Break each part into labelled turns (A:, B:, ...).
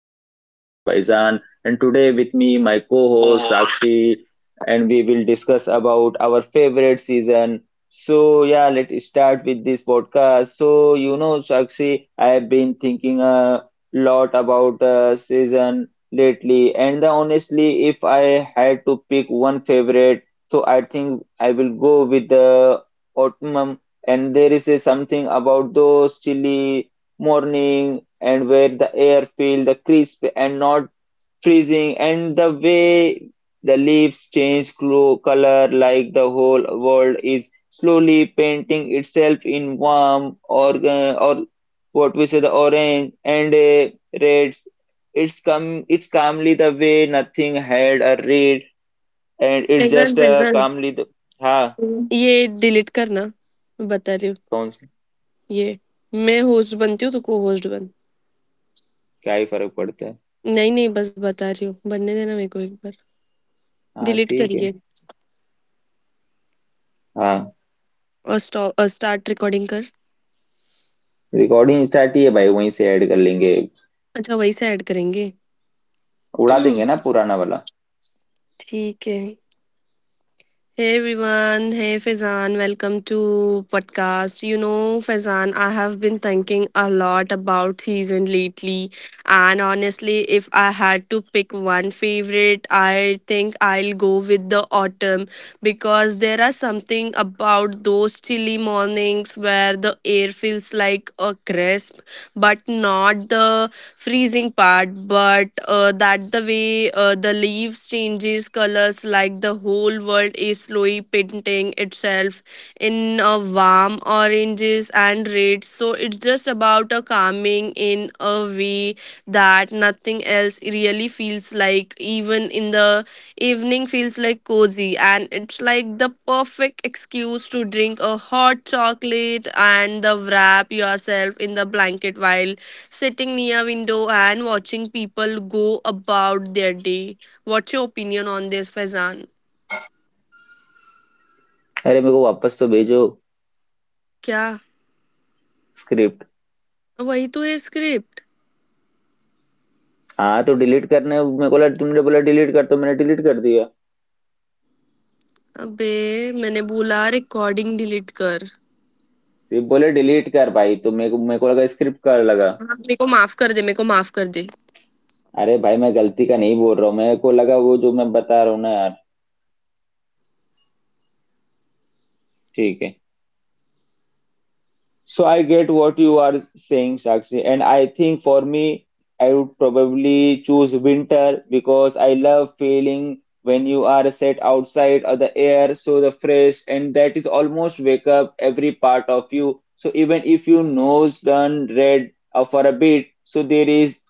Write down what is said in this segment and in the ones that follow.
A: I'm your host Faizan, and today with me my co-host
B: present.
A: Sakshi, and we will discuss about our favorite season. So yeah, let's start with this podcast. So you know Sakshi, I have been thinking a lot about season lately and honestly if I had to pick one favorite, so I think I will go with the autumn. And there is a something about those chilly morning and where the air feels the crisp and not freezing, and the way the leaves change color, like the whole world is slowly painting itself in warm or what we say the orange and reds. It's calmly the way nothing had a read, and it's just
B: present.
A: calmly the हाँ।
B: ये delete करना, मैं बता रही हूँ.
A: कौन सा?
B: ये. मैं होस्ट बनती हूँ तो को होस्ट बन.
A: क्या ही फर्क पड़ता है।
B: नहीं, नहीं, बस बता रही हूँ, बनने देना मेरे को एक बार.
A: हाँ
B: डिलीट
A: ठीक है।
B: करिए.
A: हाँ।
B: और स्टॉप स्टार्ट रिकॉर्डिंग कर.
A: रिकॉर्डिंग स्टार्ट ही है भाई, वहीं से ऐड कर लेंगे।
B: अच्छा, वहीं से ऐड करेंगे.
A: उड़ा देंगे ना पुराना वाला।
B: ठीक है. Hey everyone, hey Faizan, welcome to podcast. You know, Faizan, I have been thinking a lot about season lately, and honestly, if I had to pick one favorite, I think I'll go with the autumn because there are something about those chilly mornings where the air feels like a crisp, but not the freezing part but that the way the leaves changes colors like the whole world is slowly painting itself in a warm oranges and reds. So it's just about a calming in a way that nothing else really feels like. Even in the evening feels like cozy, and it's like the perfect excuse to drink a hot chocolate and the wrap yourself in the blanket while sitting near window and watching people go about their day. What's your opinion on this, Faizan?
A: अरे मेरे को वापस तो भेजो,
B: क्या?
A: Script.
B: वही तो है स्क्रिप्ट.
A: हाँ तो डिलीट करने मेरे को लगा तुमने बोला डिलीट कर, तो मैंने डिलीट कर दिया।
B: अबे, मैंने बोला रिकॉर्डिंग डिलीट कर.
A: सिर्फ बोले डिलीट कर भाई, तो मेरे को लगा स्क्रिप्ट कर लगा।
B: हाँ, मेरे को माफ कर दे, मेरे को माफ कर दे.
A: अरे भाई, मैं गलती का नहीं बोल रहा हूँ, मेरे को लगा वो जो मैं बता रहा हूँ ना यार। ठीक है। So I get what you are saying, Sakshi, and I think for me, I would probably choose winter because I love feeling when you are set outside of the air, so the fresh, and that is almost wake up every part of you. So even if your nose turn red for a bit, so there is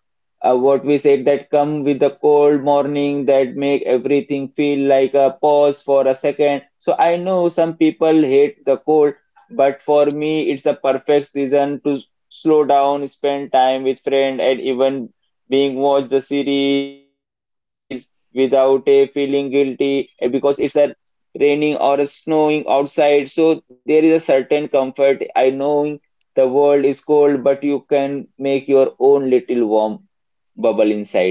A: what we said that come with the cold morning that make everything feel like a pause for a second. So I know some people hate the cold, but for me, it's a perfect season to slow down, spend time with friends, and even being watch the series without a feeling guilty because it's a raining or a snowing outside. So there is a certain comfort. I knowing the world is cold, but you can make your own little warm bubble inside.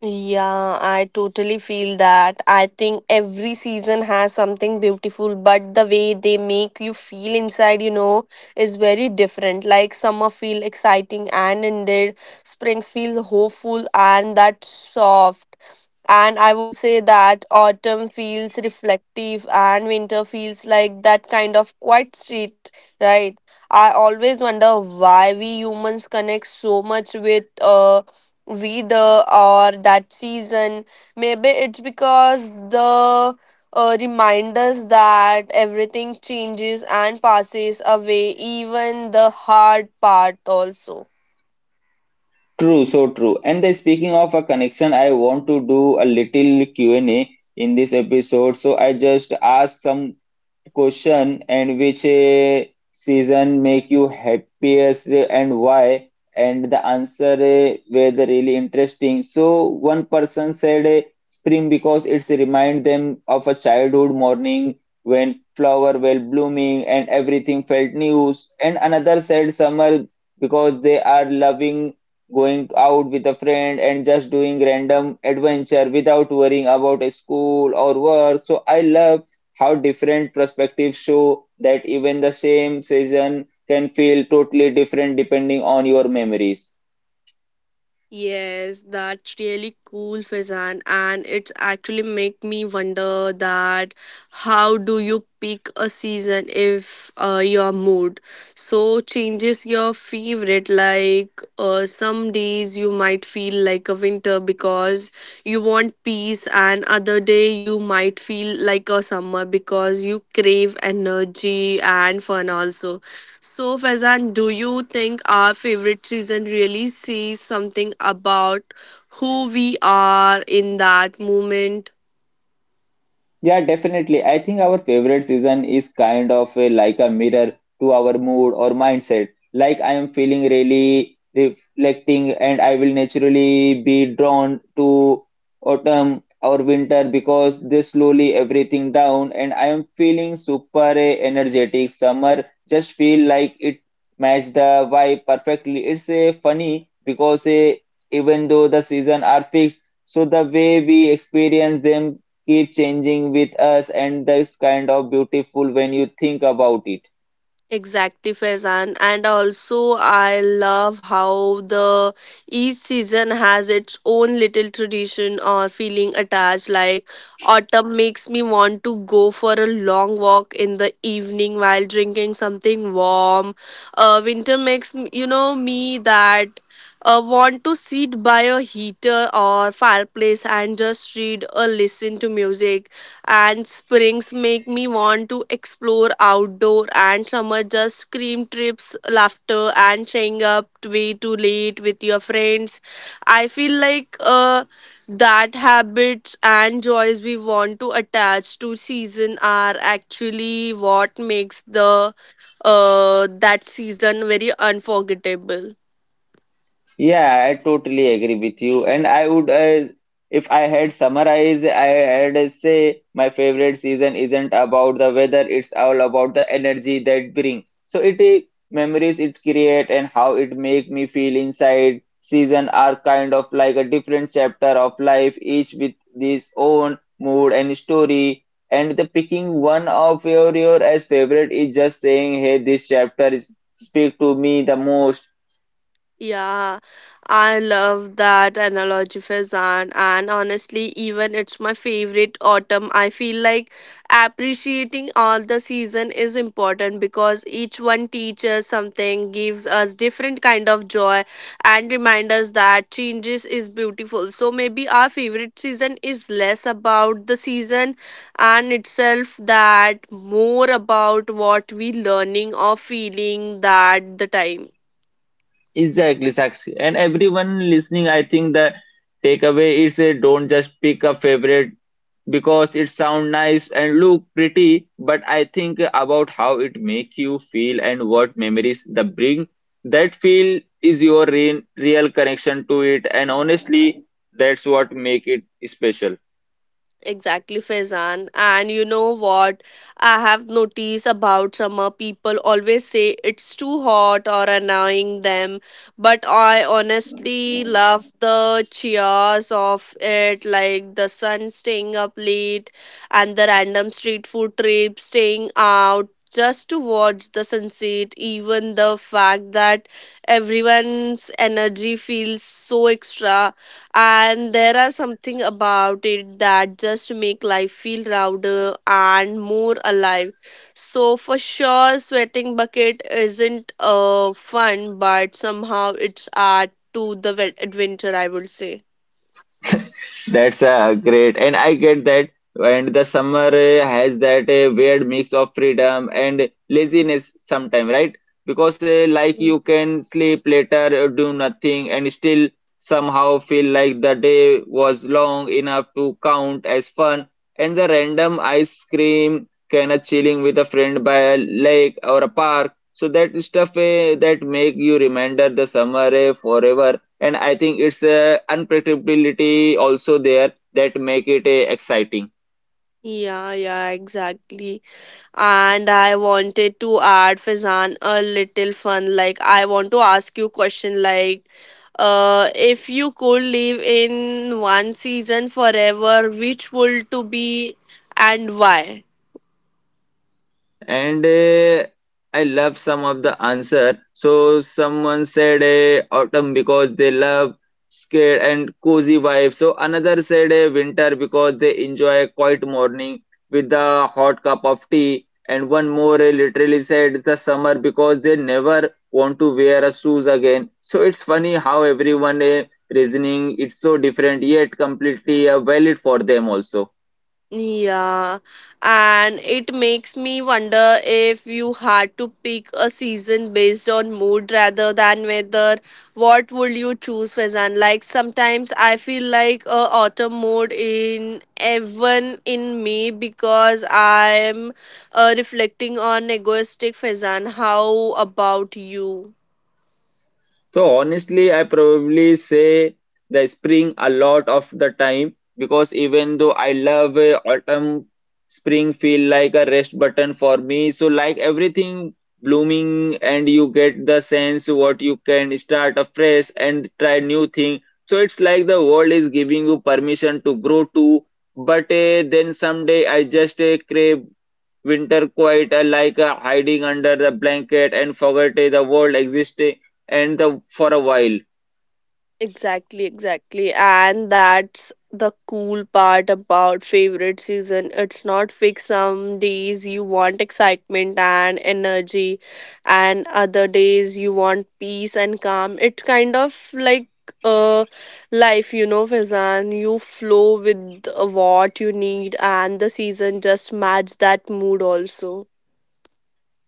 B: Yeah, I totally feel that. I think every season has something beautiful, but the way they make you feel inside, is very different. Like summer feel exciting and ended, spring feels hopeful and that soft. And I will say that autumn feels reflective and winter feels like that kind of quiet street, right? I always wonder why we humans connect so much with weather or that season. Maybe it's because the reminders that everything changes and passes away, even the hard part, also.
A: True, so true. And speaking of a connection, I want to do a little Q&A in this episode. So I just ask some question, and which season make you happiest and why, and the answer were the really interesting. So one person said spring because it's remind them of a childhood morning when flower were blooming and everything felt new, and another said summer because they are loving going out with a friend and just doing random adventure without worrying about a school or work. So I love how different perspectives show that even the same season can feel totally different depending on your memories.
B: Yes, that's really cool, Faizan. And it's actually make me wonder that how do you pick a season if your mood so changes your favorite? Like some days you might feel like a winter because you want peace, and other day you might feel like a summer because you crave energy and fun also. So, Faizan, do you think our favorite season really says something about who we are in that moment?
A: Yeah, definitely. I think our favorite season is kind of a, like a mirror to our mood or mindset. Like I am feeling really reflecting, and I will naturally be drawn to autumn or winter because they slowly everything down, and I am feeling super energetic. Summer just feel like it match the vibe perfectly. It's a funny because even though the season are fixed, so the way we experience them keep changing with us, and that's kind of beautiful when you think about it.
B: Exactly, Faizan. And also, I love how the each season has its own little tradition or feeling attached. Like autumn makes me want to go for a long walk in the evening while drinking something warm. Winter makes me that want to sit by a heater or fireplace and just read or listen to music, and springs make me want to explore outdoor, and summer just scream trips, laughter, and staying up way too late with your friends. I feel like that habits and joys we want to attach to season are actually what makes the that season very unforgettable.
A: Yeah, I totally agree with you. And I would, if I had summarized, I had say my favorite season isn't about the weather, it's all about the energy that bring. So it memories it create and how it make me feel inside. Season are kind of like a different chapter of life, each with its own mood and story. And the picking one of your as favorite is just saying, hey, this chapter is, speak to me the most.
B: Yeah, I love that analogy, Faizan. And honestly, even it's my favorite autumn, I feel like appreciating all the season is important because each one teaches something, gives us different kind of joy, and reminds us that changes is beautiful. So maybe our favorite season is less about the season and itself, that more about what we learning or feeling that the time.
A: Exactly, Sakshi. And everyone listening, I think the takeaway is a don't just pick a favorite because it sound nice and look pretty, but I think about how it make you feel and what memories the bring. That feel is your real connection to it, and honestly, that's what make it special.
B: Exactly, Faizan. And you know what? I have noticed about summer people always say it's too hot or annoying them, but I honestly love the cheers of it, like the sun staying up late and the random street food trip, staying out just to watch the sunset, even the fact that everyone's energy feels so extra. And there are something about it that just make life feel louder and more alive. So for sure sweating bucket isn't fun, but somehow it's art to the adventure, I would say.
A: That's great, and I get that. And the summer has that weird mix of freedom and laziness sometimes, right? Because like you can sleep later, do nothing, and still somehow feel like the day was long enough to count as fun. And the random ice cream kind of chilling with a friend by a lake or a park. So that stuff that make you remember the summer forever, and I think it's a unpredictability also there that make it exciting.
B: Yeah, yeah, exactly. And I wanted to add Fizan a little fun. Like I want to ask you question like, if you could live in one season forever, which would to be, and why?
A: And I love some of the answer. So someone said autumn because they love scared and cozy vibe. So another said winter because they enjoy quiet morning with the hot cup of tea. And one more literally said it's the summer because they never want to wear a shoes again. So it's funny how everyone reasoning it's so different yet completely valid for them also.
B: Yeah, and it makes me wonder if you had to pick a season based on mood rather than weather, what would you choose, Faizan? Like sometimes I feel like a autumn mode in even in me because I'm reflecting on egoistic Faizan. How about you?
A: So honestly, I probably say the spring a lot of the time because even though I love autumn, spring feel like a rest button for me. So like everything blooming and you get the sense what you can start afresh and try new thing. So it's like the world is giving you permission to grow too. But then someday I just crave winter, quite like hiding under the blanket and forget the world existing and the for a while.
B: Exactly, exactly. And that's the cool part about favorite season. It's not fixed. Some days you want excitement and energy, and other days you want peace and calm. It's kind of like uh life, Fazan. You flow with what you need, and the season just match that mood also.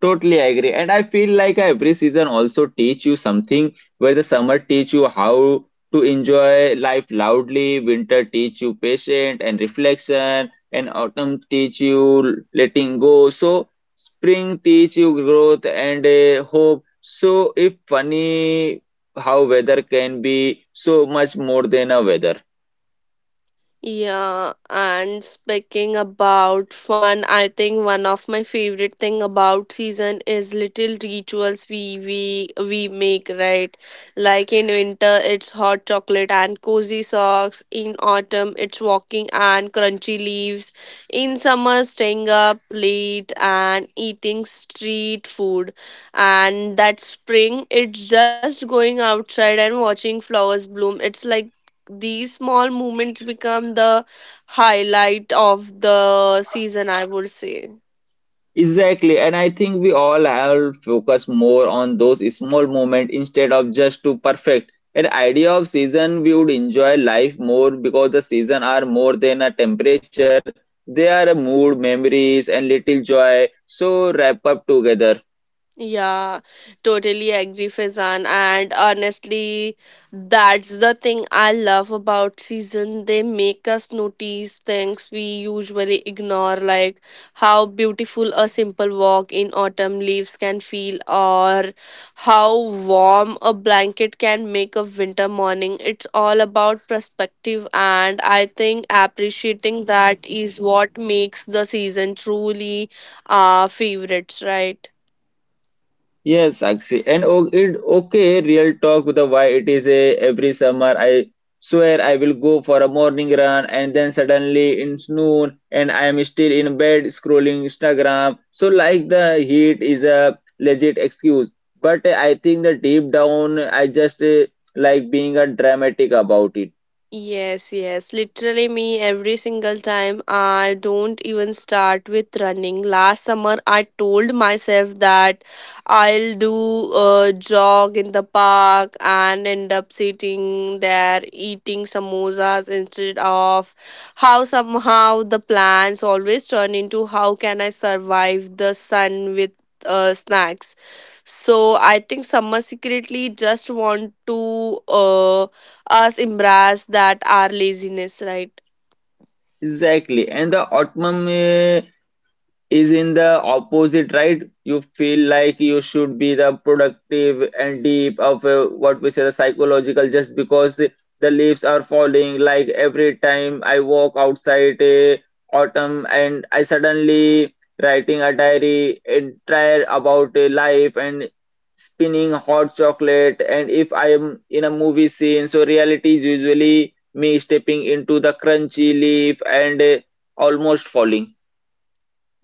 A: Totally agree. And I feel like every season also teach you something, where the summer teach you how to enjoy life loudly, winter teach you patience and reflection, and autumn teach you letting go. So spring teach you growth and hope. So if funny how weather can be so much more than a weather.
B: Yeah, and speaking about fun, I think one of my favorite thing about season is little rituals we make, right? Like in winter, it's hot chocolate and cozy socks. In autumn, it's walking and crunchy leaves. In summer, staying up late and eating street food. And that spring, it's just going outside and watching flowers bloom. It's like these small moments become the highlight of the season, I would say.
A: Exactly, and I think we all have focused more on those small moments instead of just to perfect. An idea of season, we would enjoy life more because the season are more than a temperature. They are a mood, memories, and little joy. So wrap up together.
B: Yeah, totally agree, Faizan. And honestly, that's the thing I love about season. They make us notice things we usually ignore, like how beautiful a simple walk in autumn leaves can feel, or how warm a blanket can make a winter morning. It's all about perspective, and I think appreciating that is what makes the season truly our favorites, right?
A: Yes, actually, and it okay, real talk with the why it is a every summer I swear I will go for a morning run and then suddenly it's noon and I am still in bed scrolling Instagram. So like the heat is a legit excuse, but I think that deep down I just like being a dramatic about it.
B: Yes, yes, literally me every single time. I don't even start with running. Last summer, I told myself that I'll do a jog in the park and end up sitting there eating samosas instead of how somehow the plans always turn into how can I survive the sun with snacks. So I think summer secretly just want to. Us embrace that our laziness, right?
A: Exactly, and the autumn is in the opposite, right? You feel like you should be the productive and deep of what we say the psychological just because the leaves are falling. Like every time I walk outside autumn, and I suddenly writing a diary entire about life and spinning hot chocolate and if I am in a movie scene, so reality is usually me stepping into the crunchy leaf and almost falling.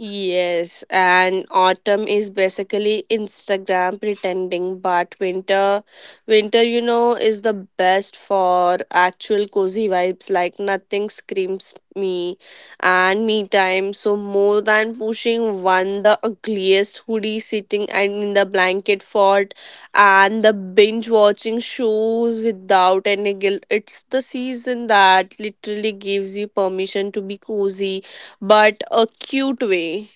B: Yes, and autumn is basically Instagram pretending, but winter, winter, is the best for actual cozy vibes. Like nothing screams me and me time. So more than pushing one, the ugliest hoodie, sitting and in the blanket fort and the binge watching shows without any guilt. It's the season that literally gives you permission to be cozy, but a cute way.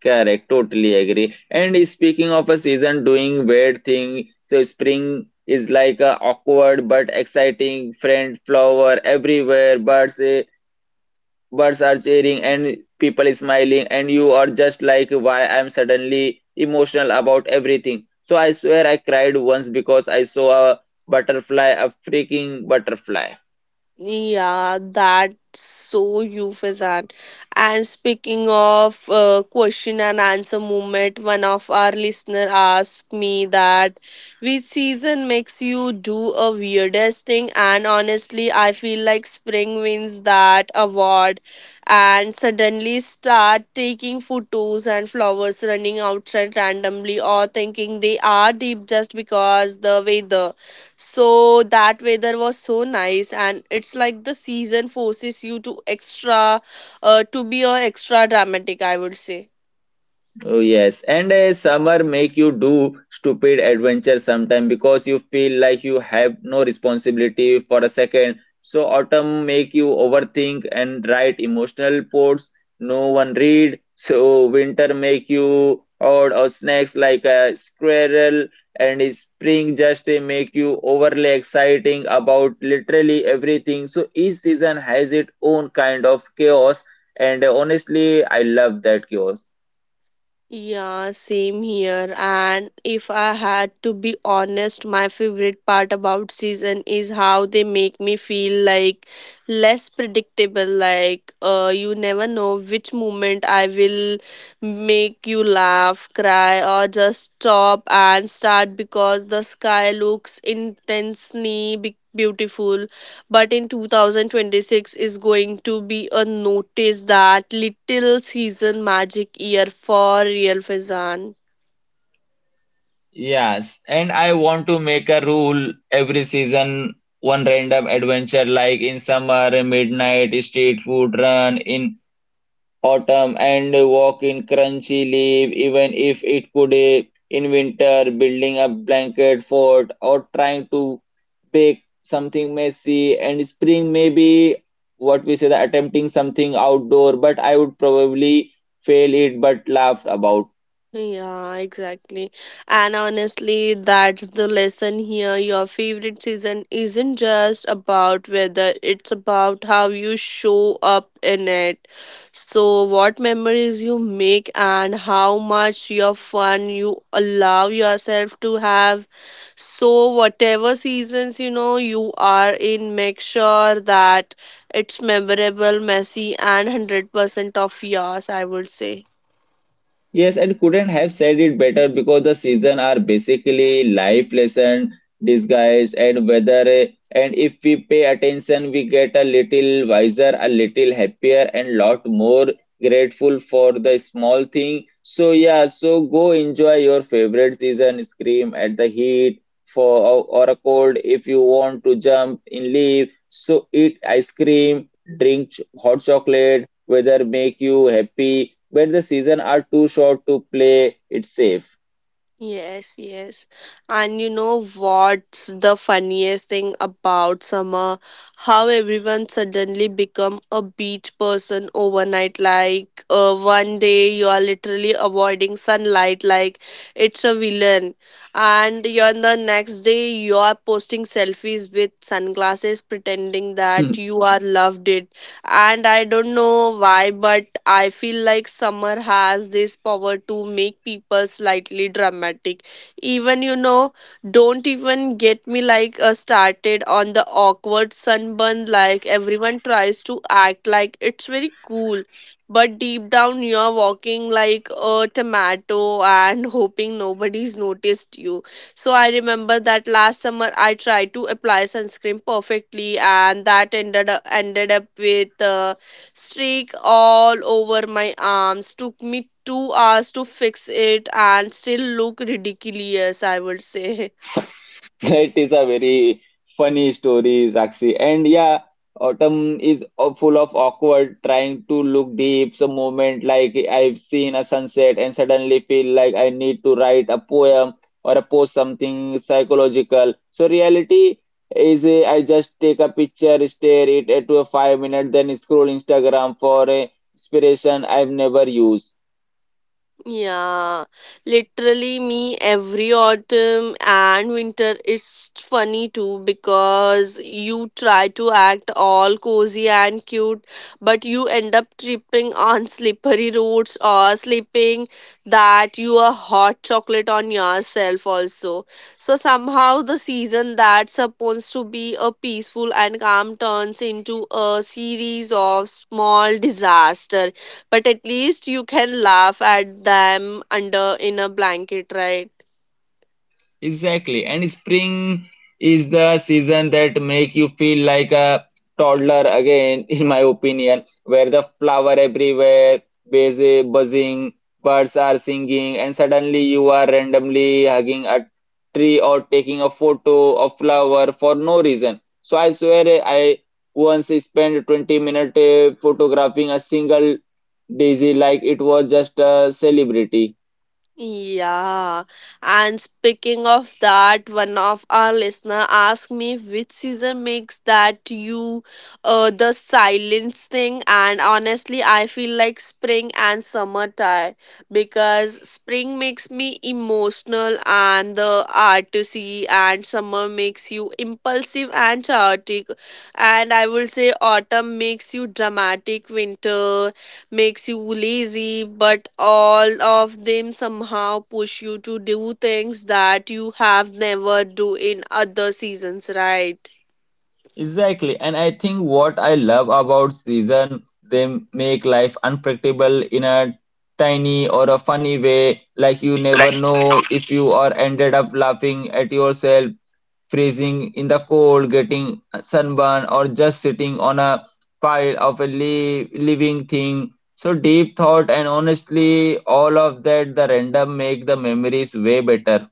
A: Correct, totally agree. And speaking of a season doing weird thing, so spring is like a awkward but exciting friend flower everywhere, birds are cheering and people is smiling, and you are just like why I'm suddenly emotional about everything. So I swear I cried once because I saw a butterfly, a freaking butterfly.
B: Yeah, that's so euphemism. And speaking of question and answer movement, one of our listener asked me that which season makes you do a weirdest thing, and honestly, I feel like spring wins that award. And suddenly start taking photos and flowers, running outside randomly, or thinking they are deep just because the weather. So that weather was so nice, and it's like the season forces you to extra, to be a extra dramatic, I would say.
A: Oh yes, and summer make you do stupid adventure sometime because you feel like you have no responsibility for a second. So autumn make you overthink and write emotional reports no one read. So winter make you odd or snacks like a squirrel, and spring just make you overly exciting about literally everything. So each season has its own kind of chaos, and honestly, I love that chaos.
B: Yeah, same here. And if I had to be honest, my favorite part about season is how they make me feel like less predictable. Like, you never know which moment I will make you laugh, cry, or just stop and start because the sky looks intensely beautiful. But in 2026 is going to be a notice that little season magic year for real, Faizan.
A: Yes, and I want to make a rule every season, one random adventure like in summer, a midnight street food run, in autumn, and walk in crunchy leaf, even if it could be in winter, building a blanket fort or trying to bake something messy, and spring maybe what we say the attempting something outdoor, but I would probably fail it but laugh about.
B: Yeah, exactly. And honestly, that's the lesson here. Your favorite season isn't just about weather, it's about how you show up in it. So, what memories you make, and how much your fun you allow yourself to have. So, whatever seasons you know you are in, make sure that it's memorable, messy, and 100% of yours, I would say.
A: Yes, and couldn't have said it better because the season are basically life lesson disguised and weather. And if we pay attention, we get a little wiser, a little happier, and lot more grateful for the small thing. So yeah, so go enjoy your favorite season. Scream at the heat for or a cold if you want to jump in leave. So eat ice cream, drink hot chocolate, weather make you happy, but the season are too short to play it safe.
B: Yes, yes. And you know what's the funniest thing about summer? How everyone suddenly become a beach person overnight. Like one day you are literally avoiding sunlight like it's a villain. And you're the next day you are posting selfies with sunglasses pretending
A: Hmm.
B: that you are loved it. And I don't know why, but I feel like summer has this power to make people slightly dramatic. Even, don't even get me like, started on the awkward sunburn. Like everyone tries to act like it's very cool, but deep down you're walking like a tomato and hoping nobody's noticed you. So I remember that last summer I tried to apply sunscreen perfectly, and that ended up with a streak all over my arms. Took me 2 hours to fix it, and still look ridiculous, I would say.
A: That is a very funny story, Sakshi. And yeah, autumn is full of awkward, trying to look deep. Some moment like I've seen a sunset and suddenly feel like I need to write a poem or a post something psychological. So reality is I just take a picture, stare it at to a 5 minute, then scroll Instagram for a inspiration I've never used.
B: Yeah, literally me every autumn and winter. It's funny too because you try to act all cozy and cute, but you end up tripping on slippery roads or slipping that you are hot chocolate on yourself also. So somehow the season that's supposed to be a peaceful and calm turns into a series of small disaster, but at least you can laugh at them under in a blanket, right?
A: Exactly. And spring is the season that make you feel like a toddler again, in my opinion, where the flower everywhere, busy buzzing, birds are singing, and suddenly you are randomly hugging a tree or taking a photo of flower for no reason. So I swear I once spent 20 minutes photographing a single daisy like it was just a celebrity.
B: Yeah, and speaking of that, one of our listener asked me which season makes that you the silence thing, and honestly, I feel like spring and summer tie because spring makes me emotional and the artsy, and summer makes you impulsive and chaotic, and I will say autumn makes you dramatic, winter makes you lazy, but all of them somehow push you to do things that you have never do in other seasons, right?
A: Exactly. And I think what I love about season, they make life unpredictable in a tiny or a funny way. Like you never know if you are ended up laughing at yourself, freezing in the cold, getting sunburn, or just sitting on a pile of a li living thing. So deep thought, and honestly, all of that, the random make the memories way better.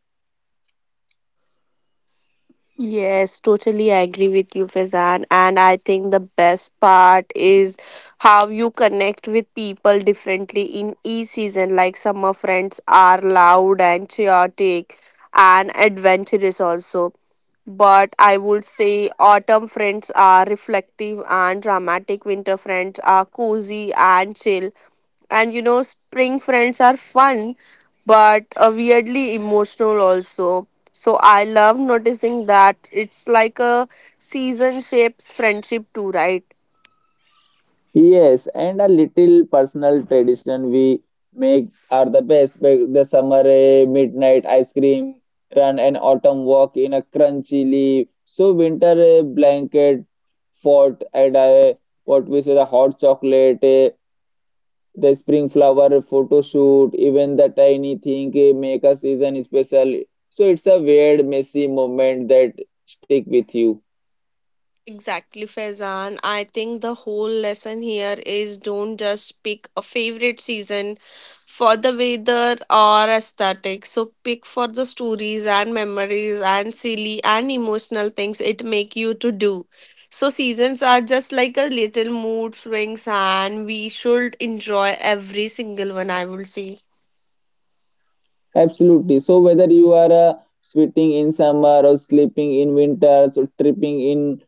B: Yes, totally I agree with you, Fazan. And I think the best part is how you connect with people differently in each season. Like summer friends are loud and chaotic and adventurous also. But I would say autumn friends are reflective and dramatic, winter friends are cozy and chill. And you know, spring friends are fun, but weirdly emotional also. So I love noticing that it's like a season shapes friendship too, right?
A: Yes, and a little personal tradition we make are the best. Like the summer midnight ice cream run and autumn walk in a crunchy leaf. So winter blanket fort and what we say the hot chocolate, the spring flower photo shoot, even the tiny thing make a season special. So it's a weird, messy moment that stick with you.
B: Exactly, Faizan. I think the whole lesson here is don't just pick a favorite season for the weather or aesthetic. So pick for the stories and memories and silly and emotional things it make you to do. So seasons are just like a little mood swings and we should enjoy every single one, I will say.
A: Absolutely. So whether you are sweating in summer or sleeping in winter, so tripping in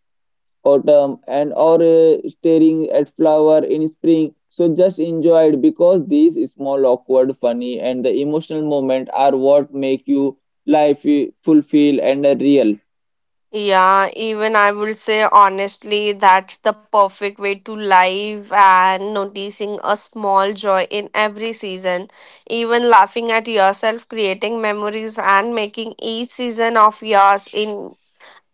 A: autumn and or staring at flower in spring, so just enjoy it because these small, awkward, funny, and the emotional moment are what make you life fulfill and real.
B: Yeah, even I would say honestly, that's the perfect way to live and noticing a small joy in every season. Even laughing at yourself, creating memories, and making each season of yours in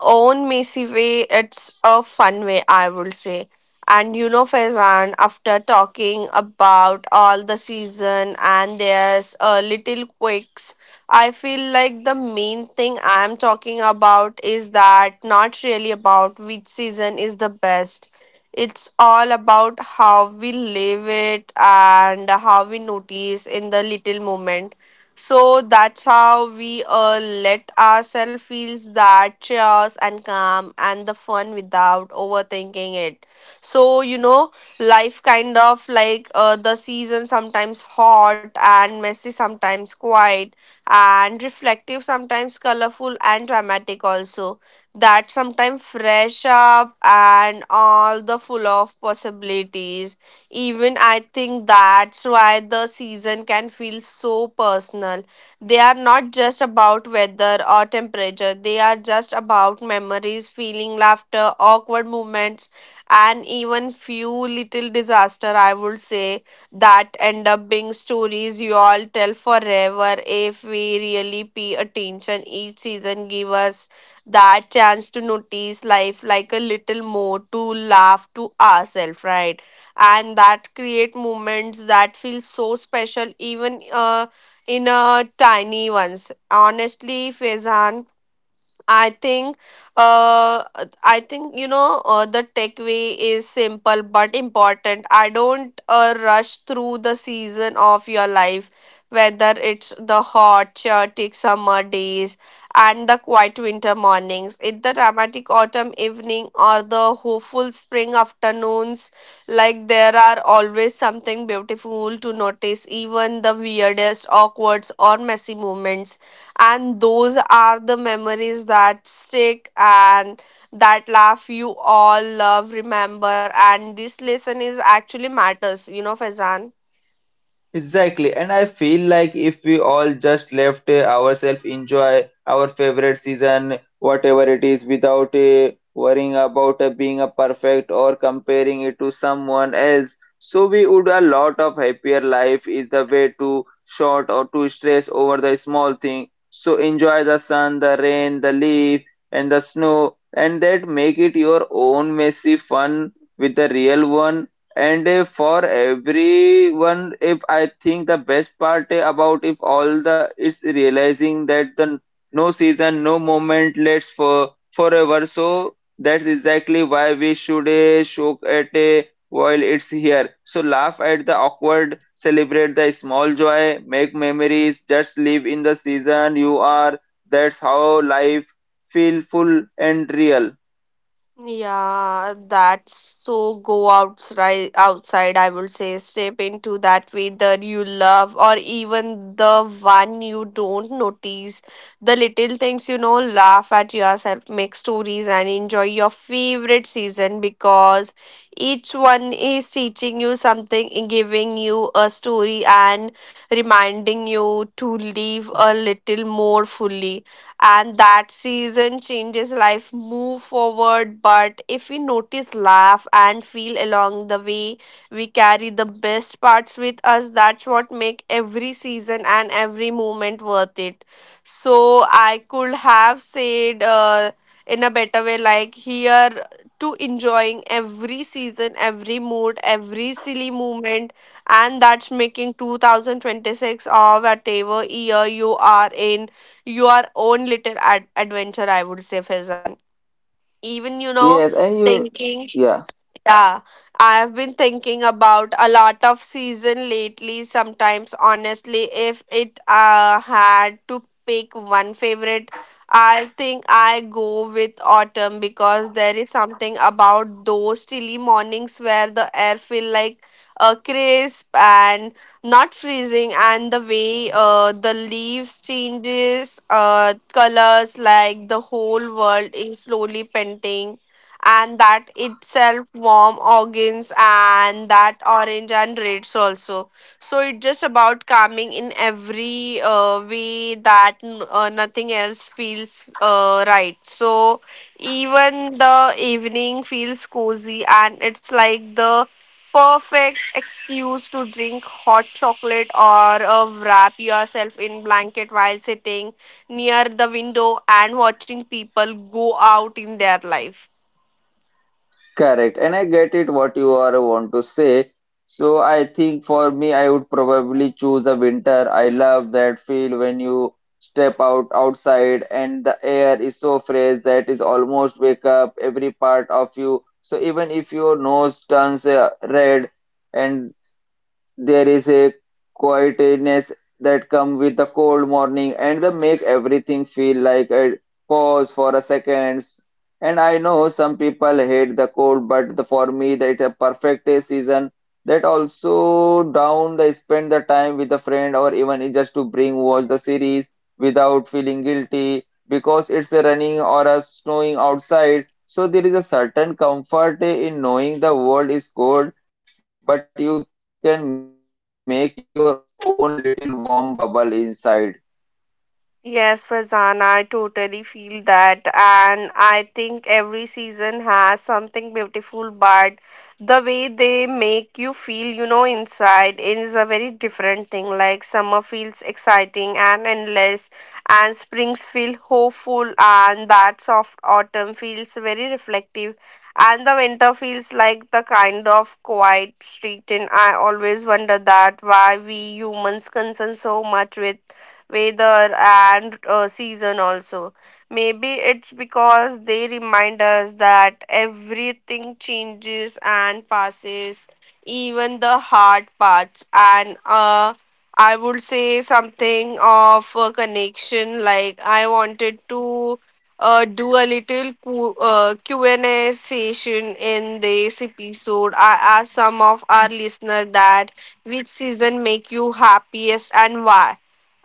B: own messy way, it's a fun way, I would say. And you know, Faizan, after talking about all the season, and there's a little quicks I feel like the main thing I'm talking about is that not really about which season is the best. It's all about how we live it and how we notice in the little moment. So that's how we let ourselves feel that chaos and calm and the fun without overthinking it. So you know, life kind of like the season sometimes hot and messy, sometimes quiet and reflective, sometimes colorful and dramatic also. That sometimes fresh up and all the full of possibilities. Even I think that's why the season can feel so personal. They are not just about weather or temperature, they are just about memories, feeling, laughter, awkward moments, and even few little disaster, I would say, that end up being stories you all tell forever. If we really pay attention, each season give us that chance to notice life like a little more, to laugh to ourselves, right? And that create moments that feel so special, even in a tiny ones, honestly, fezan. I think, uh, I think, you know, the takeaway is simple but important. I don't rush through the season of your life, whether it's the hot, chaotic summer days and the quiet winter mornings, it the dramatic autumn evening or the hopeful spring afternoons. Like there are always something beautiful to notice, even the weirdest, awkward, or messy moments, and those are the memories that stick and that laugh you all love remember, and this lesson is actually matters, you know, fazan.
A: Exactly, and I feel like if we all just left ourselves enjoy our favorite season, whatever it is, without worrying about being a perfect or comparing it to someone else, so we would a lot of happier life is the way to short or to stress over the small thing. So enjoy the sun, the rain, the leaf, and the snow, and that make it your own messy fun with the real one and for everyone, if I think the best part about if all the it's realizing that the no season, no moment lasts for forever. So that's exactly why we should shock at while it's here. So laugh at the awkward, celebrate the small joy, make memories, just live in the season you are. That's how life feel full and real.
B: Yeah, that's so go outside outside, I would say, step into that weather you love or even the one you don't notice. The little things, you know, laugh at yourself, make stories and enjoy your favorite season because each one is teaching you something, giving you a story and reminding you to live a little more fully, and that season changes life move forward, but if we notice, laugh and feel along the way, we carry the best parts with us. That's what make every season and every moment worth it. So I could have said in a better way, like here to enjoying every season, every mood, every silly moment, and that's making 2026 or whatever year you are in your own little adventure, I would say, fezan. Even you know
A: Yes, and you,
B: thinking
A: yeah.
B: yeah, I have been thinking about a lot of season lately. Sometimes, honestly, if it had to pick one favorite, I think I go with autumn because there is something about those chilly mornings where the air feel like crisp and not freezing, and the way the leaves changes colors like the whole world is slowly painting, and that itself warm organs and that orange and reds also. So it's just about calming in every way that nothing else feels right. So even the evening feels cozy and it's like the perfect excuse to drink hot chocolate or wrap yourself in blanket while sitting near the window and watching people go out in their life.
A: Correct. And I get it what you are want to say. So I think for me, I would probably choose the winter. I love that feel when you step out outside and the air is so fresh that is almost wake up every part of you. So even if your nose turns red and there is a quietness that comes with the cold morning and they make everything feel like a pause for a second. And I know some people hate the cold, but the, for me, that a perfect season. That also down, they spend the time with a friend or even just to bring watch the series without feeling guilty because it's a running or a snowing outside. So there is a certain comfort in knowing the world is cold but you can make your own little warm bubble inside.
B: Yes, Fazan, I totally feel that. And I think every season has something beautiful, but the way they make you feel, you know, inside is a very different thing. Like summer feels exciting and endless, and springs feel hopeful, and that soft autumn feels very reflective. And the winter feels like the kind of quiet street, and I always wonder that why we humans concern so much with weather and season also. Maybe it's because they remind us that everything changes and passes, even the hard parts, and I would say something of a connection. Like I wanted to do a little Q&A session in this episode. I asked some of our listeners that which season make you happiest and why,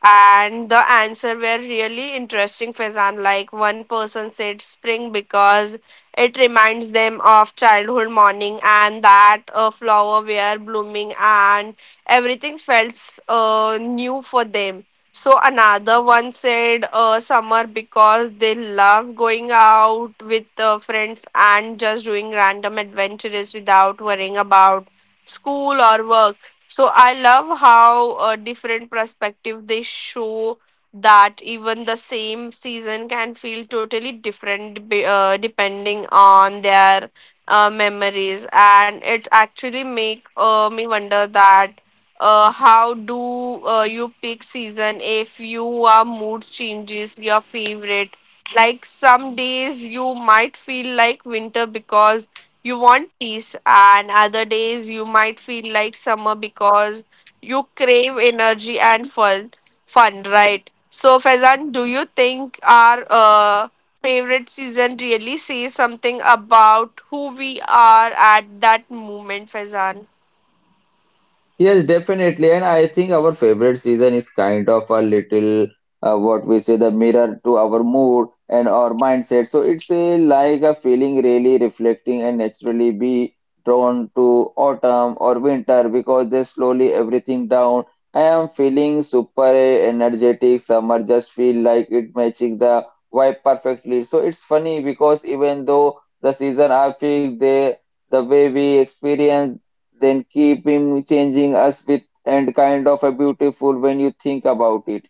B: and the answer were really interesting, fazan. Like one person said spring because it reminds them of childhood morning and that a flower were blooming and everything felt new for them. So another one said summer because they love going out with friends and just doing random adventures without worrying about school or work. So I love how different perspective they show, that even the same season can feel totally different depending on their memories, and it actually make me wonder that how do you pick season if your mood changes your favorite. Like some days you might feel like winter because you want peace, and other days you might feel like summer because you crave energy and fun, right? So, Faizan, do you think our favorite season really says something about who we are at that moment, Faizan?
A: Yes, definitely. And I think our favorite season is kind of a little what we say the mirror to our mood and our mindset. So it's a like a feeling really reflecting and naturally be drawn to autumn or winter because they slowly everything down. I am feeling super energetic. Summer just feel like it matching the vibe perfectly. So it's funny because even though the season are fixed, they the way we experience then keep him changing us with and kind of a beautiful when you think about it.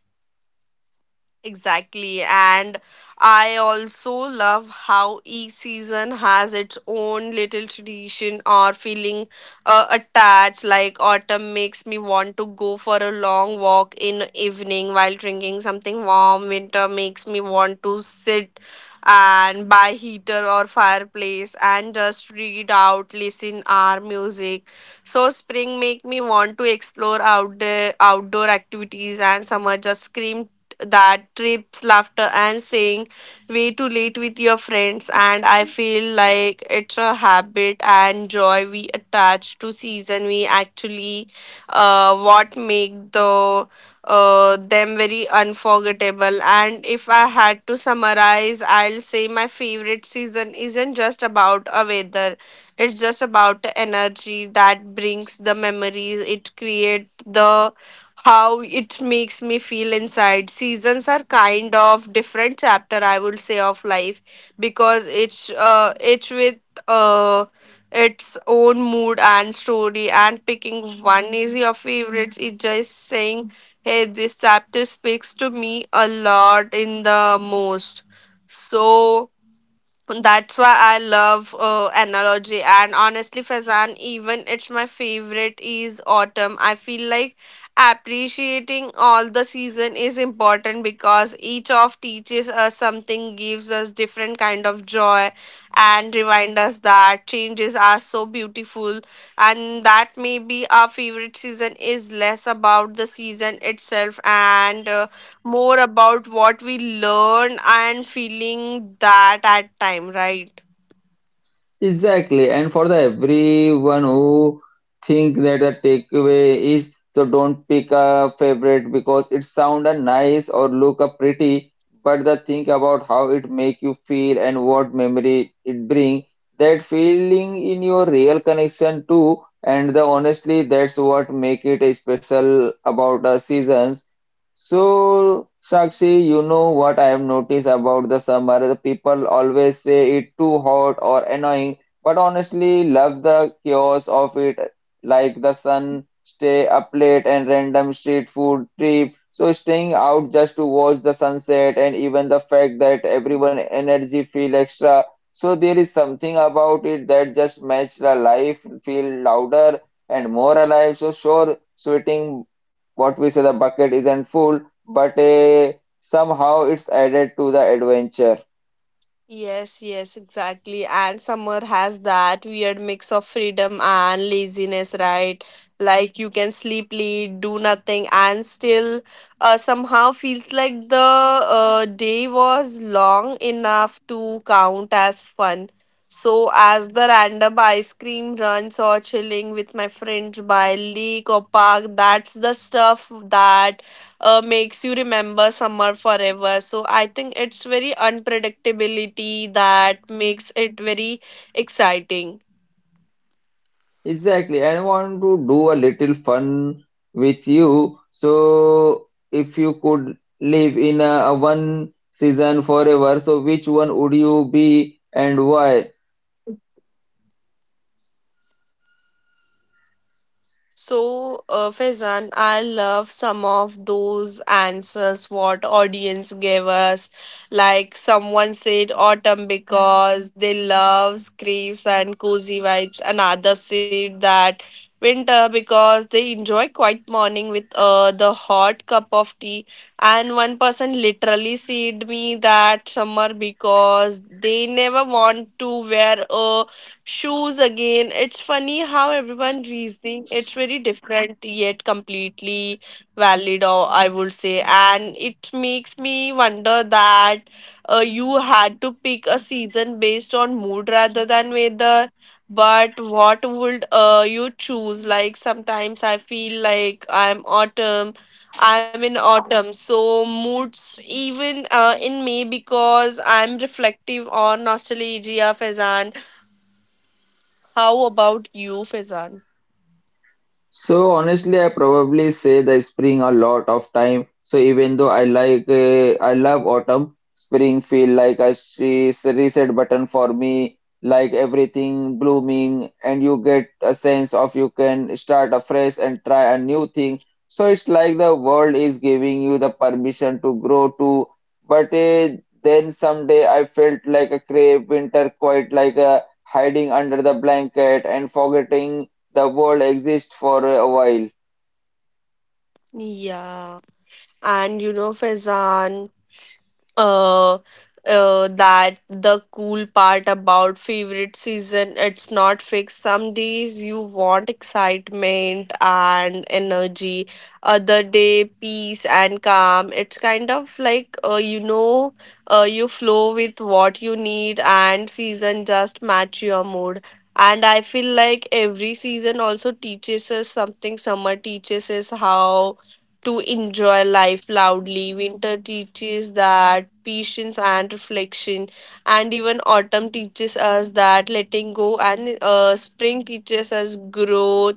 B: Exactly. And I also love how each season has its own little tradition or feeling attached. Like autumn makes me want to go for a long walk in evening while drinking something warm. Winter makes me want to sit and by heater or fireplace and just read out, listen our music. So spring make me want to explore out the outdoor activities and summer just scream that trips, laughter, and saying way too late with your friends. And I feel like it's a habit and joy we attach to season. We actually what make the them very unforgettable. And if I had to summarize, I'll say my favorite season isn't just about a weather. It's just about the energy that brings the memories. It creates the how it makes me feel inside. Seasons are kind of different chapter, I would say, of life because it's with uh its own mood and story, and picking one is your favorite, it's just saying, hey, this chapter speaks to me a lot in the most. So that's why I love analogy, and honestly, Fazan, even it's my favorite is autumn. I feel like appreciating all the season is important because each of teaches us something, gives us different kind of joy, and remind us that changes are so beautiful, and that maybe our favorite season is less about the season itself and. More about what we learn and feeling that at time, right?
A: Exactly, and for the everyone who think that the takeaway is so don't pick a favorite because it sound a nice or look a pretty, but the think about how it make you feel and what memory it bring, that feeling in your real connection too, and the honestly that's what make it a special about the seasons. So, Shakshi, you know what I have noticed about the summer? The people always say it too hot or annoying but honestly love the chaos of it, like the sun, stay up late and random street food trip. So staying out just to watch the sunset and even the fact that everyone energy feel extra. So there is something about it that just makes the life feel louder and more alive. So sure, sweating what we say the bucket isn't full, but somehow it's added to the adventure.
B: Yes, yes, exactly, and summer has that weird mix of freedom and laziness, right? Like you can sleep late, do nothing, and still somehow feels like the day was long enough to count as fun. So as the random ice cream runs or chilling with my friends by lake or park, that's the stuff that makes you remember summer forever. So I think it's very unpredictability that makes it very exciting.
A: Exactly. I want to do a little fun with you. So, if you could live in a one season forever, so which one would you be and why?
B: So, Faizan, I love some of those answers what audience gave us. Like someone said autumn because they love scrapes and cozy vibes. Another said that winter because they enjoy quiet morning with the hot cup of tea. And one person literally said me that summer because they never want to wear a Shoes again. It's funny how everyone reasoning. It's very different yet completely valid, or I would say. And it makes me wonder that you had to pick a season based on mood rather than weather. But what would you choose? Like sometimes I feel like I'm in autumn, so moods even in May because I'm reflective on nostalgia, Fazan. How about you, Faizan?
A: So honestly, I probably say the spring a lot of time. So even though I I love autumn, spring feel like a reset button for me. Like everything blooming, and you get a sense of you can start afresh and try a new thing. So it's like the world is giving you the permission to grow too. But then someday I felt like a crave winter, quite like a hiding under the blanket and forgetting the world exists for a while.
B: Yeah. And you know, Faizan, uh, that the cool part about favorite season it's not fixed. Some days you want excitement and energy, other day peace and calm. It's kind of like, you know, you flow with what you need and season just match your mood, and I feel like every season also teaches us something. Summer teaches us how to enjoy life loudly. Winter teaches that patience and reflection, and even autumn teaches us that letting go, and spring teaches us growth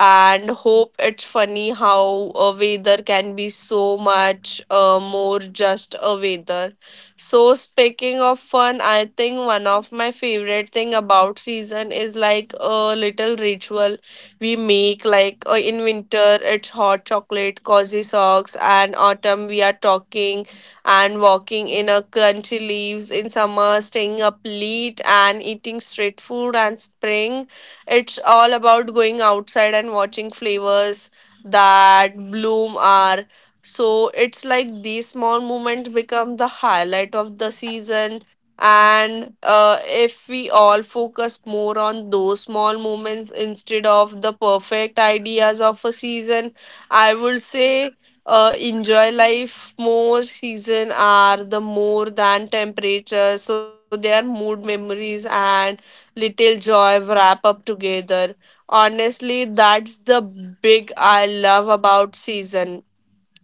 B: and hope. It's funny how a weather can be so much more just a weather. So speaking of fun, I think one of my favorite thing about season is like a little ritual we make like in winter it's hot chocolate cozy socks, and autumn we are talking and walking in a crunchy leaves, in summer staying up late and eating street food, and spring it's all about going outside and watching flowers that bloom are. So it's like these small moments become the highlight of the season, and if we all focus more on those small moments instead of the perfect ideas of a season, I would say enjoy life more. Season are the more than temperature, so they are mood memories and little joy wrap up together. Honestly, that's the big I love about season.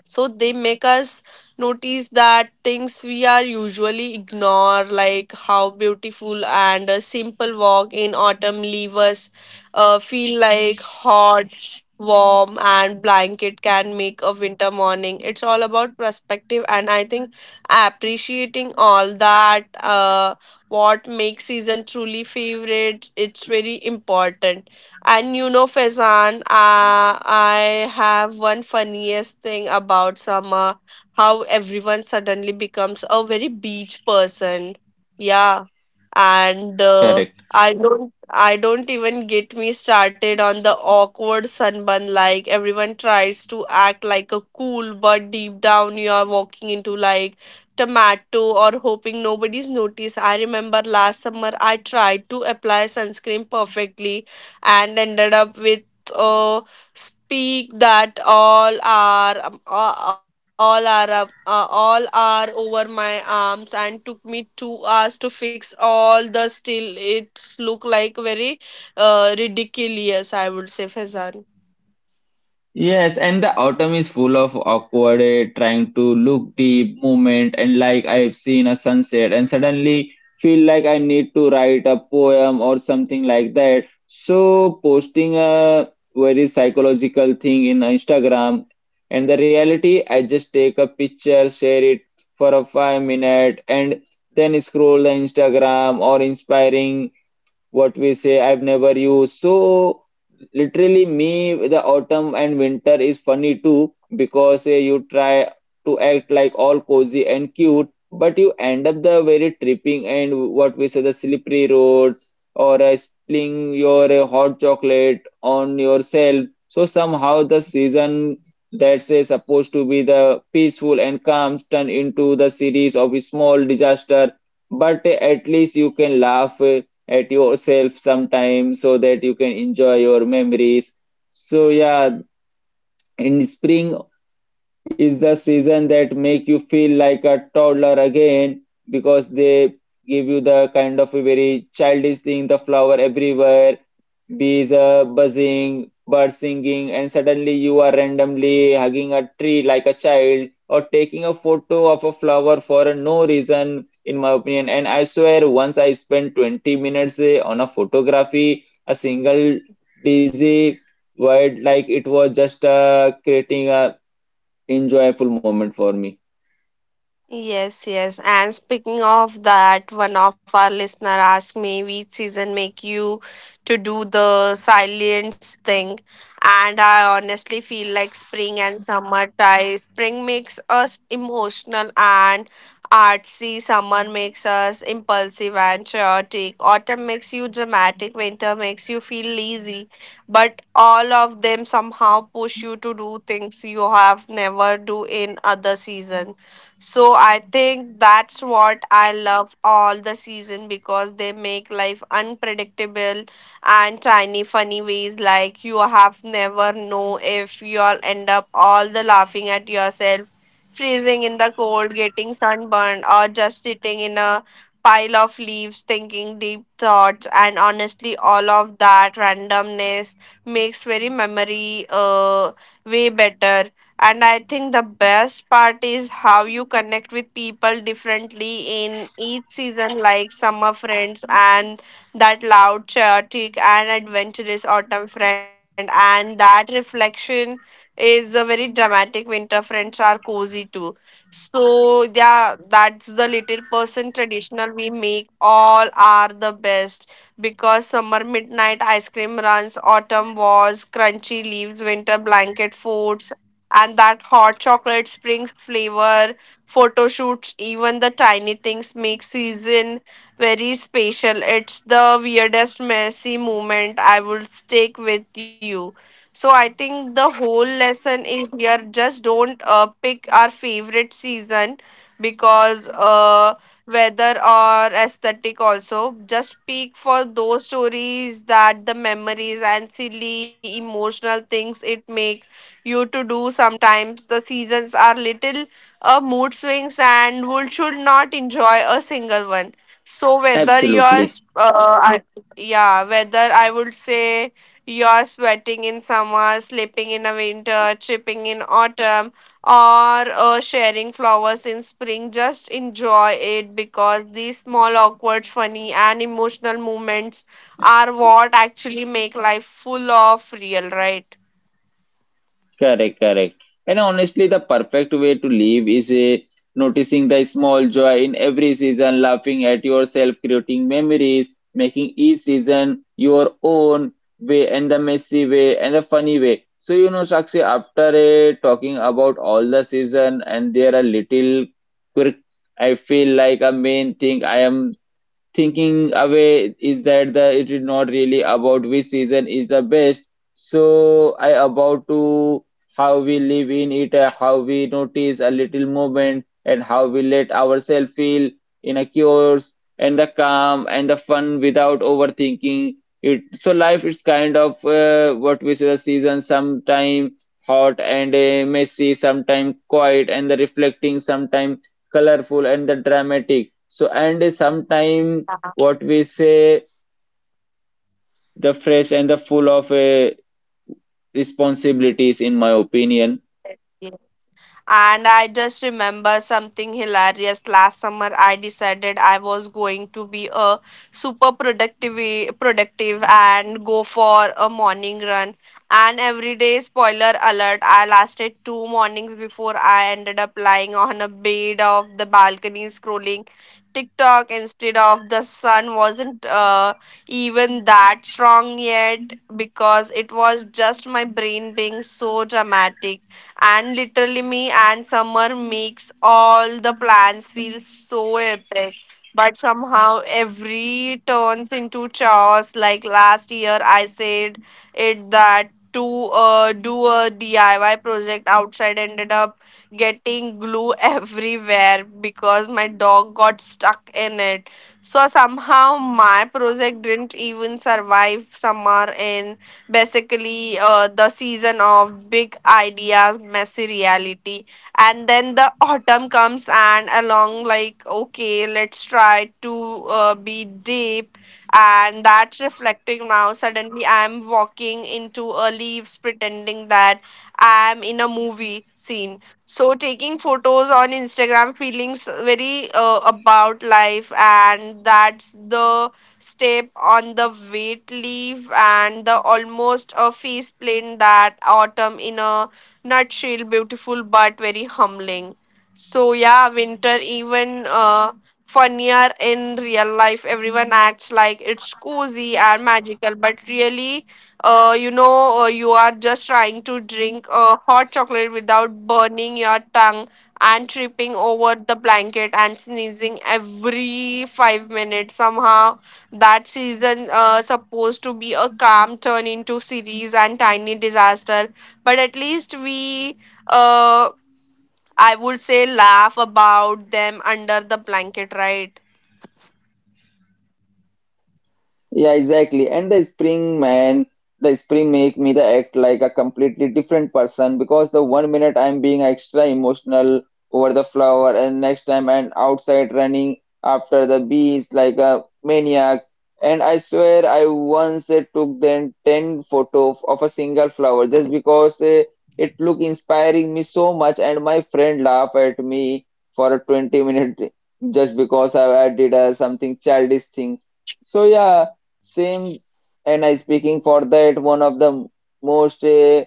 B: So they make us notice that things we are usually ignore, like how beautiful and a simple walk in autumn leave us feel like hot warm and blanket can make a winter morning. It's all about perspective, and I think appreciating all that what makes season truly favorite it's very important. And you know, Faizan, I have one funniest thing about summer, how everyone suddenly becomes a very beach person. Yeah. And
A: Correct.
B: I don't even get me started on the awkward sunburn. Like everyone tries to act like a cool, but deep down you are walking into like tomato, or hoping nobody's noticed. I remember last summer I tried to apply sunscreen perfectly and ended up with a speak that all are all are all are over my arms, and took me 2 hours to fix all. The still it's look like very ridiculous, I would say, Fezan.
A: Yes, and the autumn is full of awkward, trying to look deep movement, and like I've seen a sunset, and suddenly feel like I need to write a poem or something like that. So posting a very psychological thing in Instagram, and the reality, I just take a picture, share it for a 5 minute, and then scroll the Instagram or inspiring what we say I've never used. So literally me the autumn and winter is funny too because you try to act like all cozy and cute but you end up the very tripping and what we say the slippery road or spilling your hot chocolate on yourself. So somehow the season that's supposed to be the peaceful and calm turn into the series of a small disaster but at least you can laugh at yourself sometime so that you can enjoy your memories. So yeah, in spring is the season that make you feel like a toddler again because they give you the kind of a very childish thing the flower everywhere. Bees are buzzing, birds singing, and suddenly you are randomly hugging a tree like a child or taking a photo of a flower for no reason, in my opinion. And I swear, once I spent 20 minutes on a photography, a single dizzy word, like it was just creating a enjoyable moment for me.
B: Yes, yes. And speaking of that, one of our listener asked me which season make you to do the silence thing. And I honestly feel like spring and summer tie. Spring makes us emotional and artsy. Summer makes us impulsive and chaotic. Autumn makes you dramatic. Winter makes you feel lazy. But all of them somehow push you to do things you have never do in other seasons. So I think that's what I love all the season, because they make life unpredictable and tiny funny ways, like you have never know if you'll end up all the laughing at yourself, freezing in the cold, getting sunburned, or just sitting in a pile of leaves thinking deep thoughts. And honestly, all of that randomness makes very memory way better. And I think the best part is how you connect with people differently in each season, like summer friends and that loud, chaotic, and adventurous autumn friend. And that reflection is a very dramatic winter friends are cozy too. So, yeah, that's the little person traditional we make. All are the best because summer midnight ice cream runs, autumn wars, crunchy leaves, winter blanket forts, and that hot chocolate spring flavor photo shoots. Even the tiny things make season very special. It's the weirdest messy moment I will stick with you. So I think the whole lesson is here, just don't pick our favorite season because weather or aesthetic, also just pick for those stories that the memories and silly emotional things it makes you to do. Sometimes the seasons are little mood swings, and would should not enjoy a single one. So whether you're
A: Absolutely.
B: s- I, Yeah, whether I would say you're sweating in summer, sleeping in a winter, tripping in autumn, or sharing flowers in spring, just enjoy it because these small awkward funny and emotional moments are what actually make life full of real, right?
A: Correct, correct. And honestly, the perfect way to live is noticing the small joy in every season, laughing at yourself, creating memories, making each season your own way and the messy way and the funny way. So, you know, Sakshi, after talking about all the season and there are little quirk, I feel like a main thing I am thinking away is that the it is not really about which season is the best, so I about to how we live in it, how we notice a little movement and how we let ourselves feel in a cures and the calm and the fun without overthinking it. So life is kind of what we say the season, sometime hot and messy, sometime quiet and the reflecting, sometime colorful and the dramatic, so and sometime what we say, the fresh and the full of responsibilities, in my opinion.
B: And I just remember something hilarious. Last summer, I decided I was going to be a productive and go for a morning run. And every day, spoiler alert, I lasted two mornings before I ended up lying on a bed of the balcony scrolling TikTok instead of the sun wasn't even that strong yet, because it was just my brain being so dramatic. And literally, me and Summer makes all the plans feel so epic. But somehow every turns into chaos. Like last year, I said it that to do a DIY project outside, ended up getting glue everywhere because my dog got stuck in it. So somehow my project didn't even survive summer, in basically the season of big ideas messy reality. And then the autumn comes and along like, okay, let's try to be deep and that's reflecting. Now suddenly I'm walking into a leaves pretending that I'm in a movie scene. So taking photos on Instagram feelings very about life, and that's the step on the wet leaf and the almost a faceplant, that autumn in a nutshell, beautiful but very humbling. So yeah, winter even funnier in real life. Everyone acts like it's cozy and magical, but really, you are just trying to drink hot chocolate without burning your tongue and tripping over the blanket and sneezing every 5 minutes. Somehow that season supposed to be a calm turn into series and tiny disaster, but at least we, uh, I would say, laugh about them under the blanket, right?
A: Yeah, exactly. And the spring man, the spring make me the act like a completely different person because the 1 minute I'm being extra emotional over the flower and next time I'm outside running after the bees like a maniac. And I swear I once took then 10 photo of a single flower just because it looked inspiring me so much and my friend laughed at me for a 20-minute just because I did something childish things so yeah, same, and I speaking for that one of the most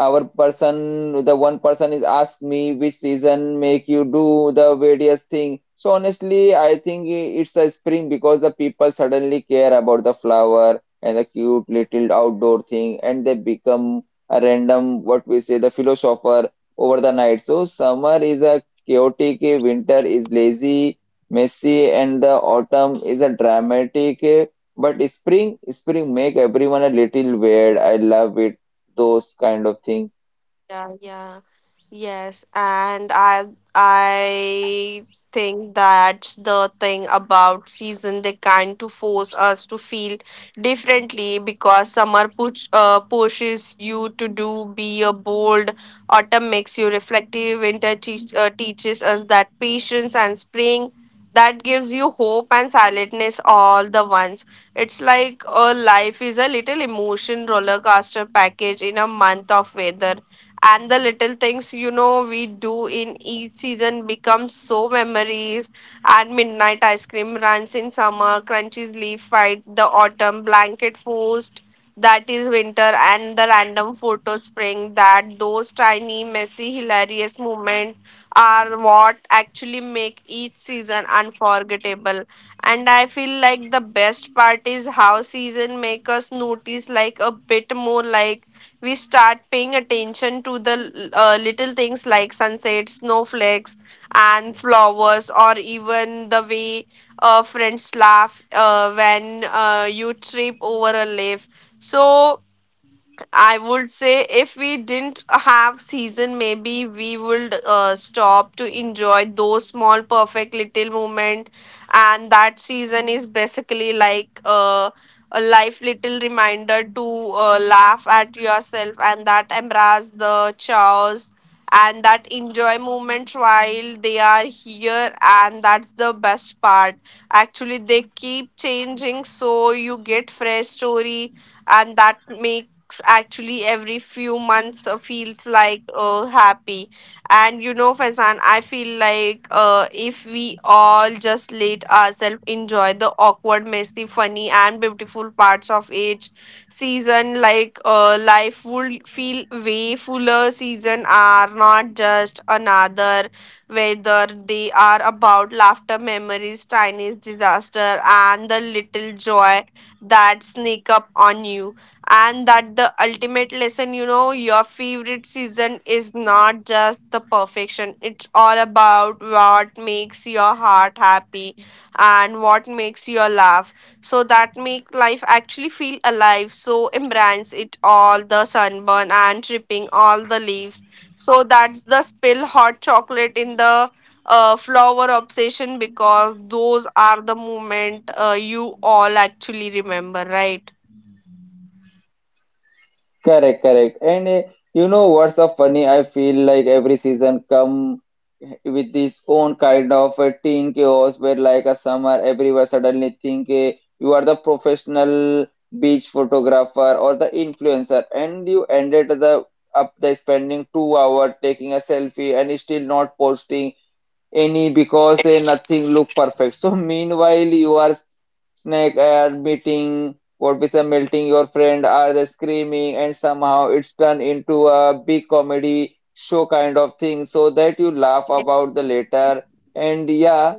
A: our person, the one person is asked me which season make you do the various thing. So honestly, I think it's a spring because the people suddenly care about the flower and the cute little outdoor thing, and they become a random what we say the philosopher over the night. So summer is a chaotic, winter is lazy, messy, and the autumn is a dramatic. But spring, spring make everyone a little weird. I love it those kind of thing.
B: Yeah, yeah. Yes, and I think that's the thing about season. They kind to force us to feel differently because summer pushes you to do be a bold. Autumn makes you reflective. Winter teaches us that patience, and spring that gives you hope and silentness all the ones. It's like a life is a little emotion roller coaster package in a month of weather, and the little things you know we do in each season become so memories. And midnight ice cream runs in summer, crunchy's leaf fight the autumn, blanket forced that is winter, and the random photo spring, that those tiny messy hilarious moments are what actually make each season unforgettable. And I feel like the best part is how season make us notice like a bit more, like we start paying attention to the little things like sunset, snowflakes, and flowers, or even the way friends laugh when you trip over a leaf. So, I would say if we didn't have season, maybe we would stop to enjoy those small, perfect little moment, and that season is basically like a life little reminder to laugh at yourself and that embrace the chaos and that enjoy moments while they are here, and that's the best part. Actually, they keep changing, so you get fresh story, and that make walks actually every few months feels like happy. And you know, Faizan, I feel like if we all just let ourselves enjoy the awkward messy funny and beautiful parts of each season, like life would feel way fuller. Season are not just another weather; they are about laughter memories tiny disaster and the little joy that sneak up on you. And that the ultimate lesson, you know, your favorite season is not just the perfection, it's all about what makes your heart happy and what makes your laugh. So that make life actually feel alive, so embrace it all, the sunburn and tripping all the leaves, so that's the spill hot chocolate in the flower obsession, because those are the moment you all actually remember, right?
A: Correct, correct, and you know what's so funny, I feel like every season come with this own kind of a teen chaos where like a summer everywhere suddenly think you are the professional beach photographer or the influencer, and you ended the up the spending 2 hour taking a selfie and still not posting any because nothing look perfect. So meanwhile you are snake are meeting, what is a melting, your friend are they screaming and somehow it's turned into a big comedy show kind of thing so that you laugh about the later. And yeah,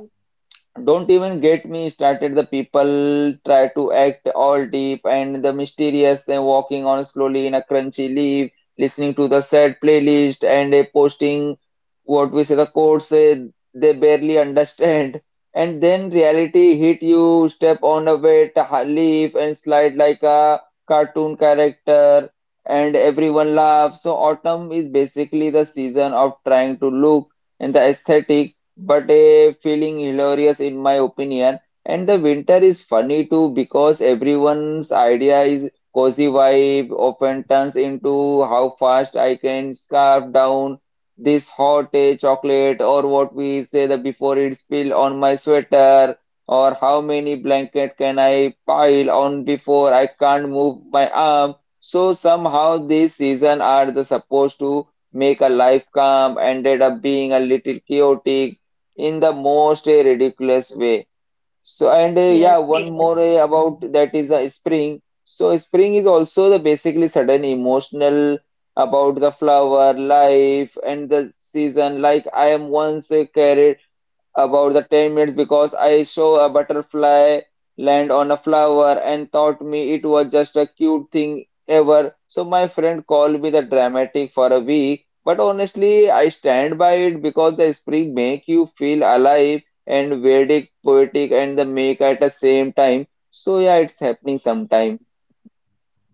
A: don't even get me started. The people try to act all deep and the mysterious, then walking on slowly in a crunchy leaf, listening to the sad playlist and posting what we say the code say they barely understand. And then reality hit you, step on a wet leaf and slide like a cartoon character, and everyone laughs. So autumn is basically the season of trying to look and the aesthetic but a feeling hilarious in my opinion. And the winter is funny too because everyone's idea is cozy vibe often turns into how fast I can scarf down this hot chocolate or what we say that before it spill on my sweater, or how many blanket can I pile on before I can't move my arm. So somehow this season are the supposed to make a life calm ended up being a little chaotic in the most ridiculous way. So and
B: Yes.
A: yeah, one more about that is a spring. So spring is also the basically sudden emotional about the flower life and the season. Like I am once carried about the 10 minutes because I saw a butterfly land on a flower and thought me it was just a cute thing ever. So my friend called me the dramatic for a week, but honestly, I stand by it because the spring make you feel alive and Vedic, poetic, and the make at the same time. So yeah, it's happening sometime.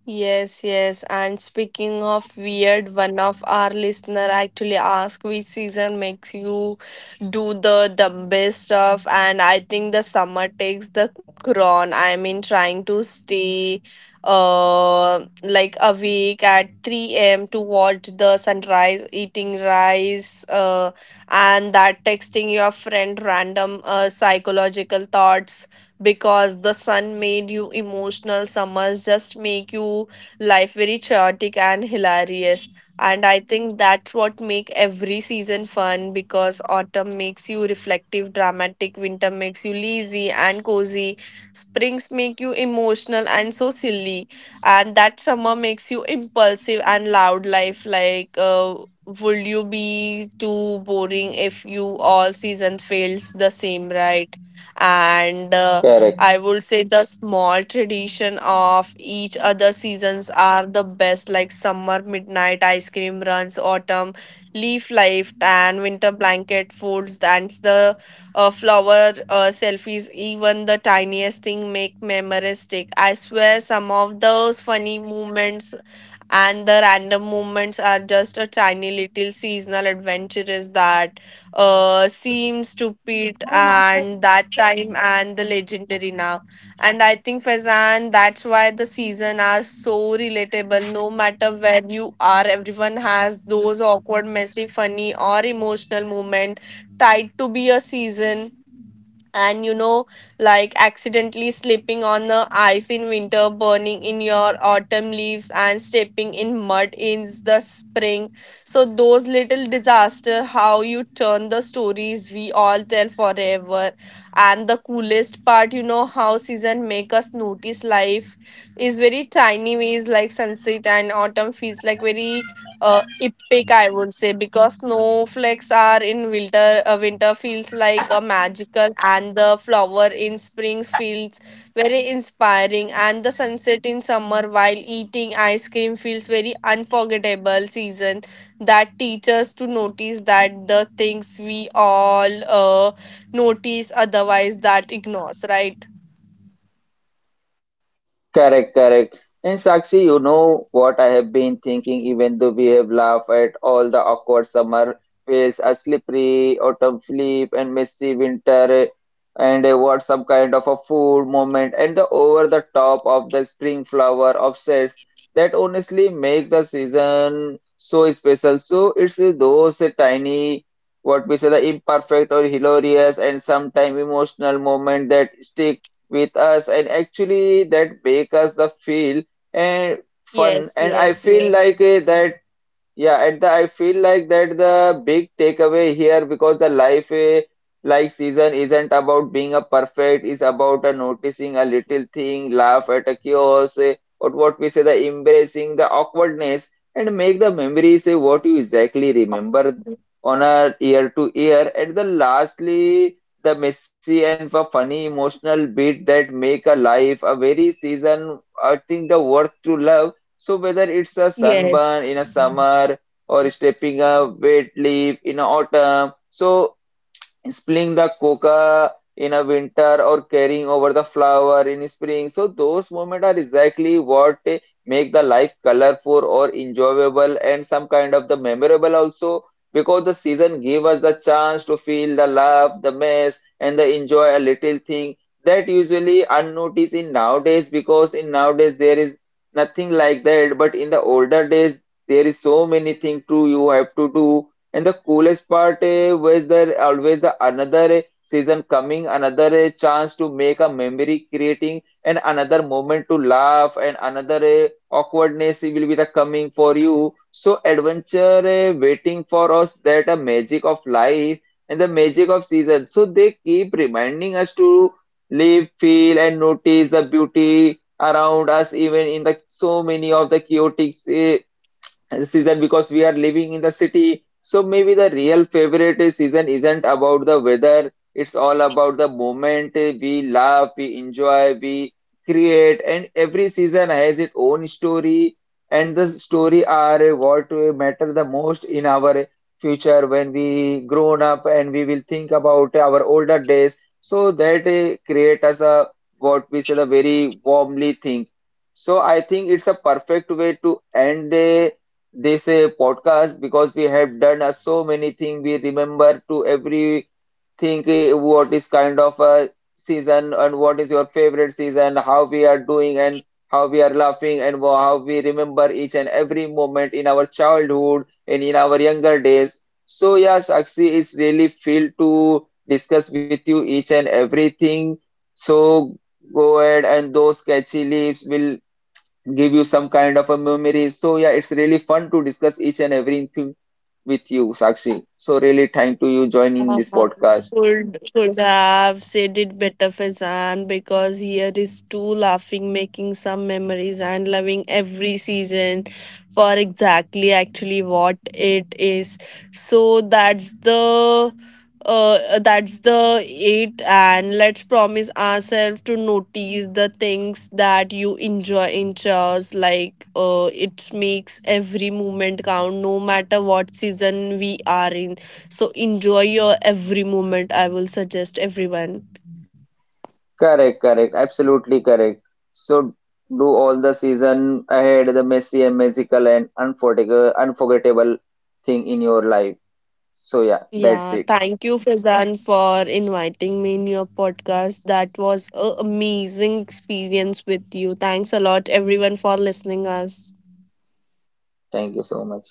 B: Yes, yes. And speaking of weird, one of our listener actually asked which season makes you do the dumbest stuff. And I think the summer takes the crown. I mean, trying to stay like awake at 3 a.m. to watch the sunrise, eating rice, and that texting your friend random psychological thoughts because the sun made you emotional. Summers just make you life very chaotic and hilarious. And I think that's what make every season fun, because autumn makes you reflective, dramatic, winter makes you lazy and cozy, springs make you emotional and so silly, and that summer makes you impulsive and loud life like would you be too boring if you all season fails the same, right? And I
A: Correct.
B: would say the small tradition of each other seasons are the best, like summer midnight ice cream runs, autumn leaf life, and winter blanket folds, and the flower selfies. Even the tiniest thing make memories stick. I swear, some of those funny moments and the random moments are just a tiny little seasonal adventures that seems stupid and that time, and the legendary now. And I think, Faizan, that's why the season are so relatable. No matter where you are, everyone has those awkward, messy, funny, or emotional moment tied to be a season. And you know, like accidentally slipping on the ice in winter, burning in your autumn leaves, and stepping in mud in the spring, so those little disaster how you turn the stories we all tell forever. And the coolest part, you know, how season make us notice life is very tiny ways, like sunset and autumn feels like very epic, I would say, because snowflakes are in winter, winter feels like a magical, and the flower in spring feels very inspiring, and the sunset in summer while eating ice cream feels very unforgettable. Season that teaches to notice that the things we all notice otherwise that ignores, right?
A: Correct, correct. And Sakshi, you know what I have been thinking, even though we have laughed at all the awkward summer phase, a slippery autumn flip, and messy winter, and what some kind of a food moment, and the over the top of the spring flower obsess, that honestly make the season so special. So it's those tiny, what we say, the imperfect or hilarious and sometimes emotional moment that stick with us and actually that make us the feel and fun.
B: Yes,
A: And I
B: yes,
A: feel
B: yes,
A: like that yeah, at the I feel like that the big takeaway here, because the life like season isn't about being a perfect, is about a noticing a little thing, laugh at a chaos, or what we say the embracing the awkwardness and make the memories what you exactly remember on a year to year. And the lastly the messy and the funny emotional bit that make a life a very season I think the worth to love. So whether it's a
B: yes.
A: sunburn in a summer or stepping up wet leaf in autumn. So spilling the coca in a winter or carrying over the flower in spring. So those moments are exactly what make the life colorful or enjoyable and some kind of the memorable also, because the season give us the chance to feel the love, the mess and the enjoy a little thing that usually unnoticed in nowadays, because in nowadays there is nothing like that, but in the older days there is so many thing to you have to do. And the coolest part was there always the another season coming, another chance to make a memory creating, and another moment to laugh, and another awkwardness will be the coming for you. So adventure waiting for us, that a magic of life and the magic of season. So they keep reminding us to live, feel, and notice the beauty around us, even in the so many of the chaotic season, because we are living in the city. So maybe the real favorite season isn't about the weather. It's all about the moment we laugh, we enjoy, we create, and every season has its own story. And the story are what matter the most in our future when we grown up and we will think about our older days. So that create us a what we say the very warmly thing. So I think it's a perfect way to end. This podcast, because we have done so many things. We remember to everything what is kind of a season and what is your favorite season, how we are doing and how we are laughing and how we remember each and every moment in our childhood and in our younger days. So yeah, Sakshi, it's really feel to discuss with you each and everything. So go ahead and those catchy leaves will give you some kind of a memory. So yeah, it's really fun to discuss each and everything with you, Sakshi. So really thank to you joining
B: Uh,
A: this podcast.
B: could have said it better, Fazan, because here is two laughing, making some memories, and loving every season for exactly actually what it is. So that's the it, and let's promise ourselves to notice the things that you enjoy in chores, like it makes every moment count no matter what season we are in. So enjoy your every moment. I will suggest everyone.
A: Correct, correct, absolutely correct. So do all the season ahead the messy and magical and unforgettable thing in your life. So yeah, that's
B: Yeah,
A: it.
B: thank you, Fazan, for inviting me in your podcast. That was an amazing experience with you. Thanks a lot, everyone, for listening us.
A: Thank you so much.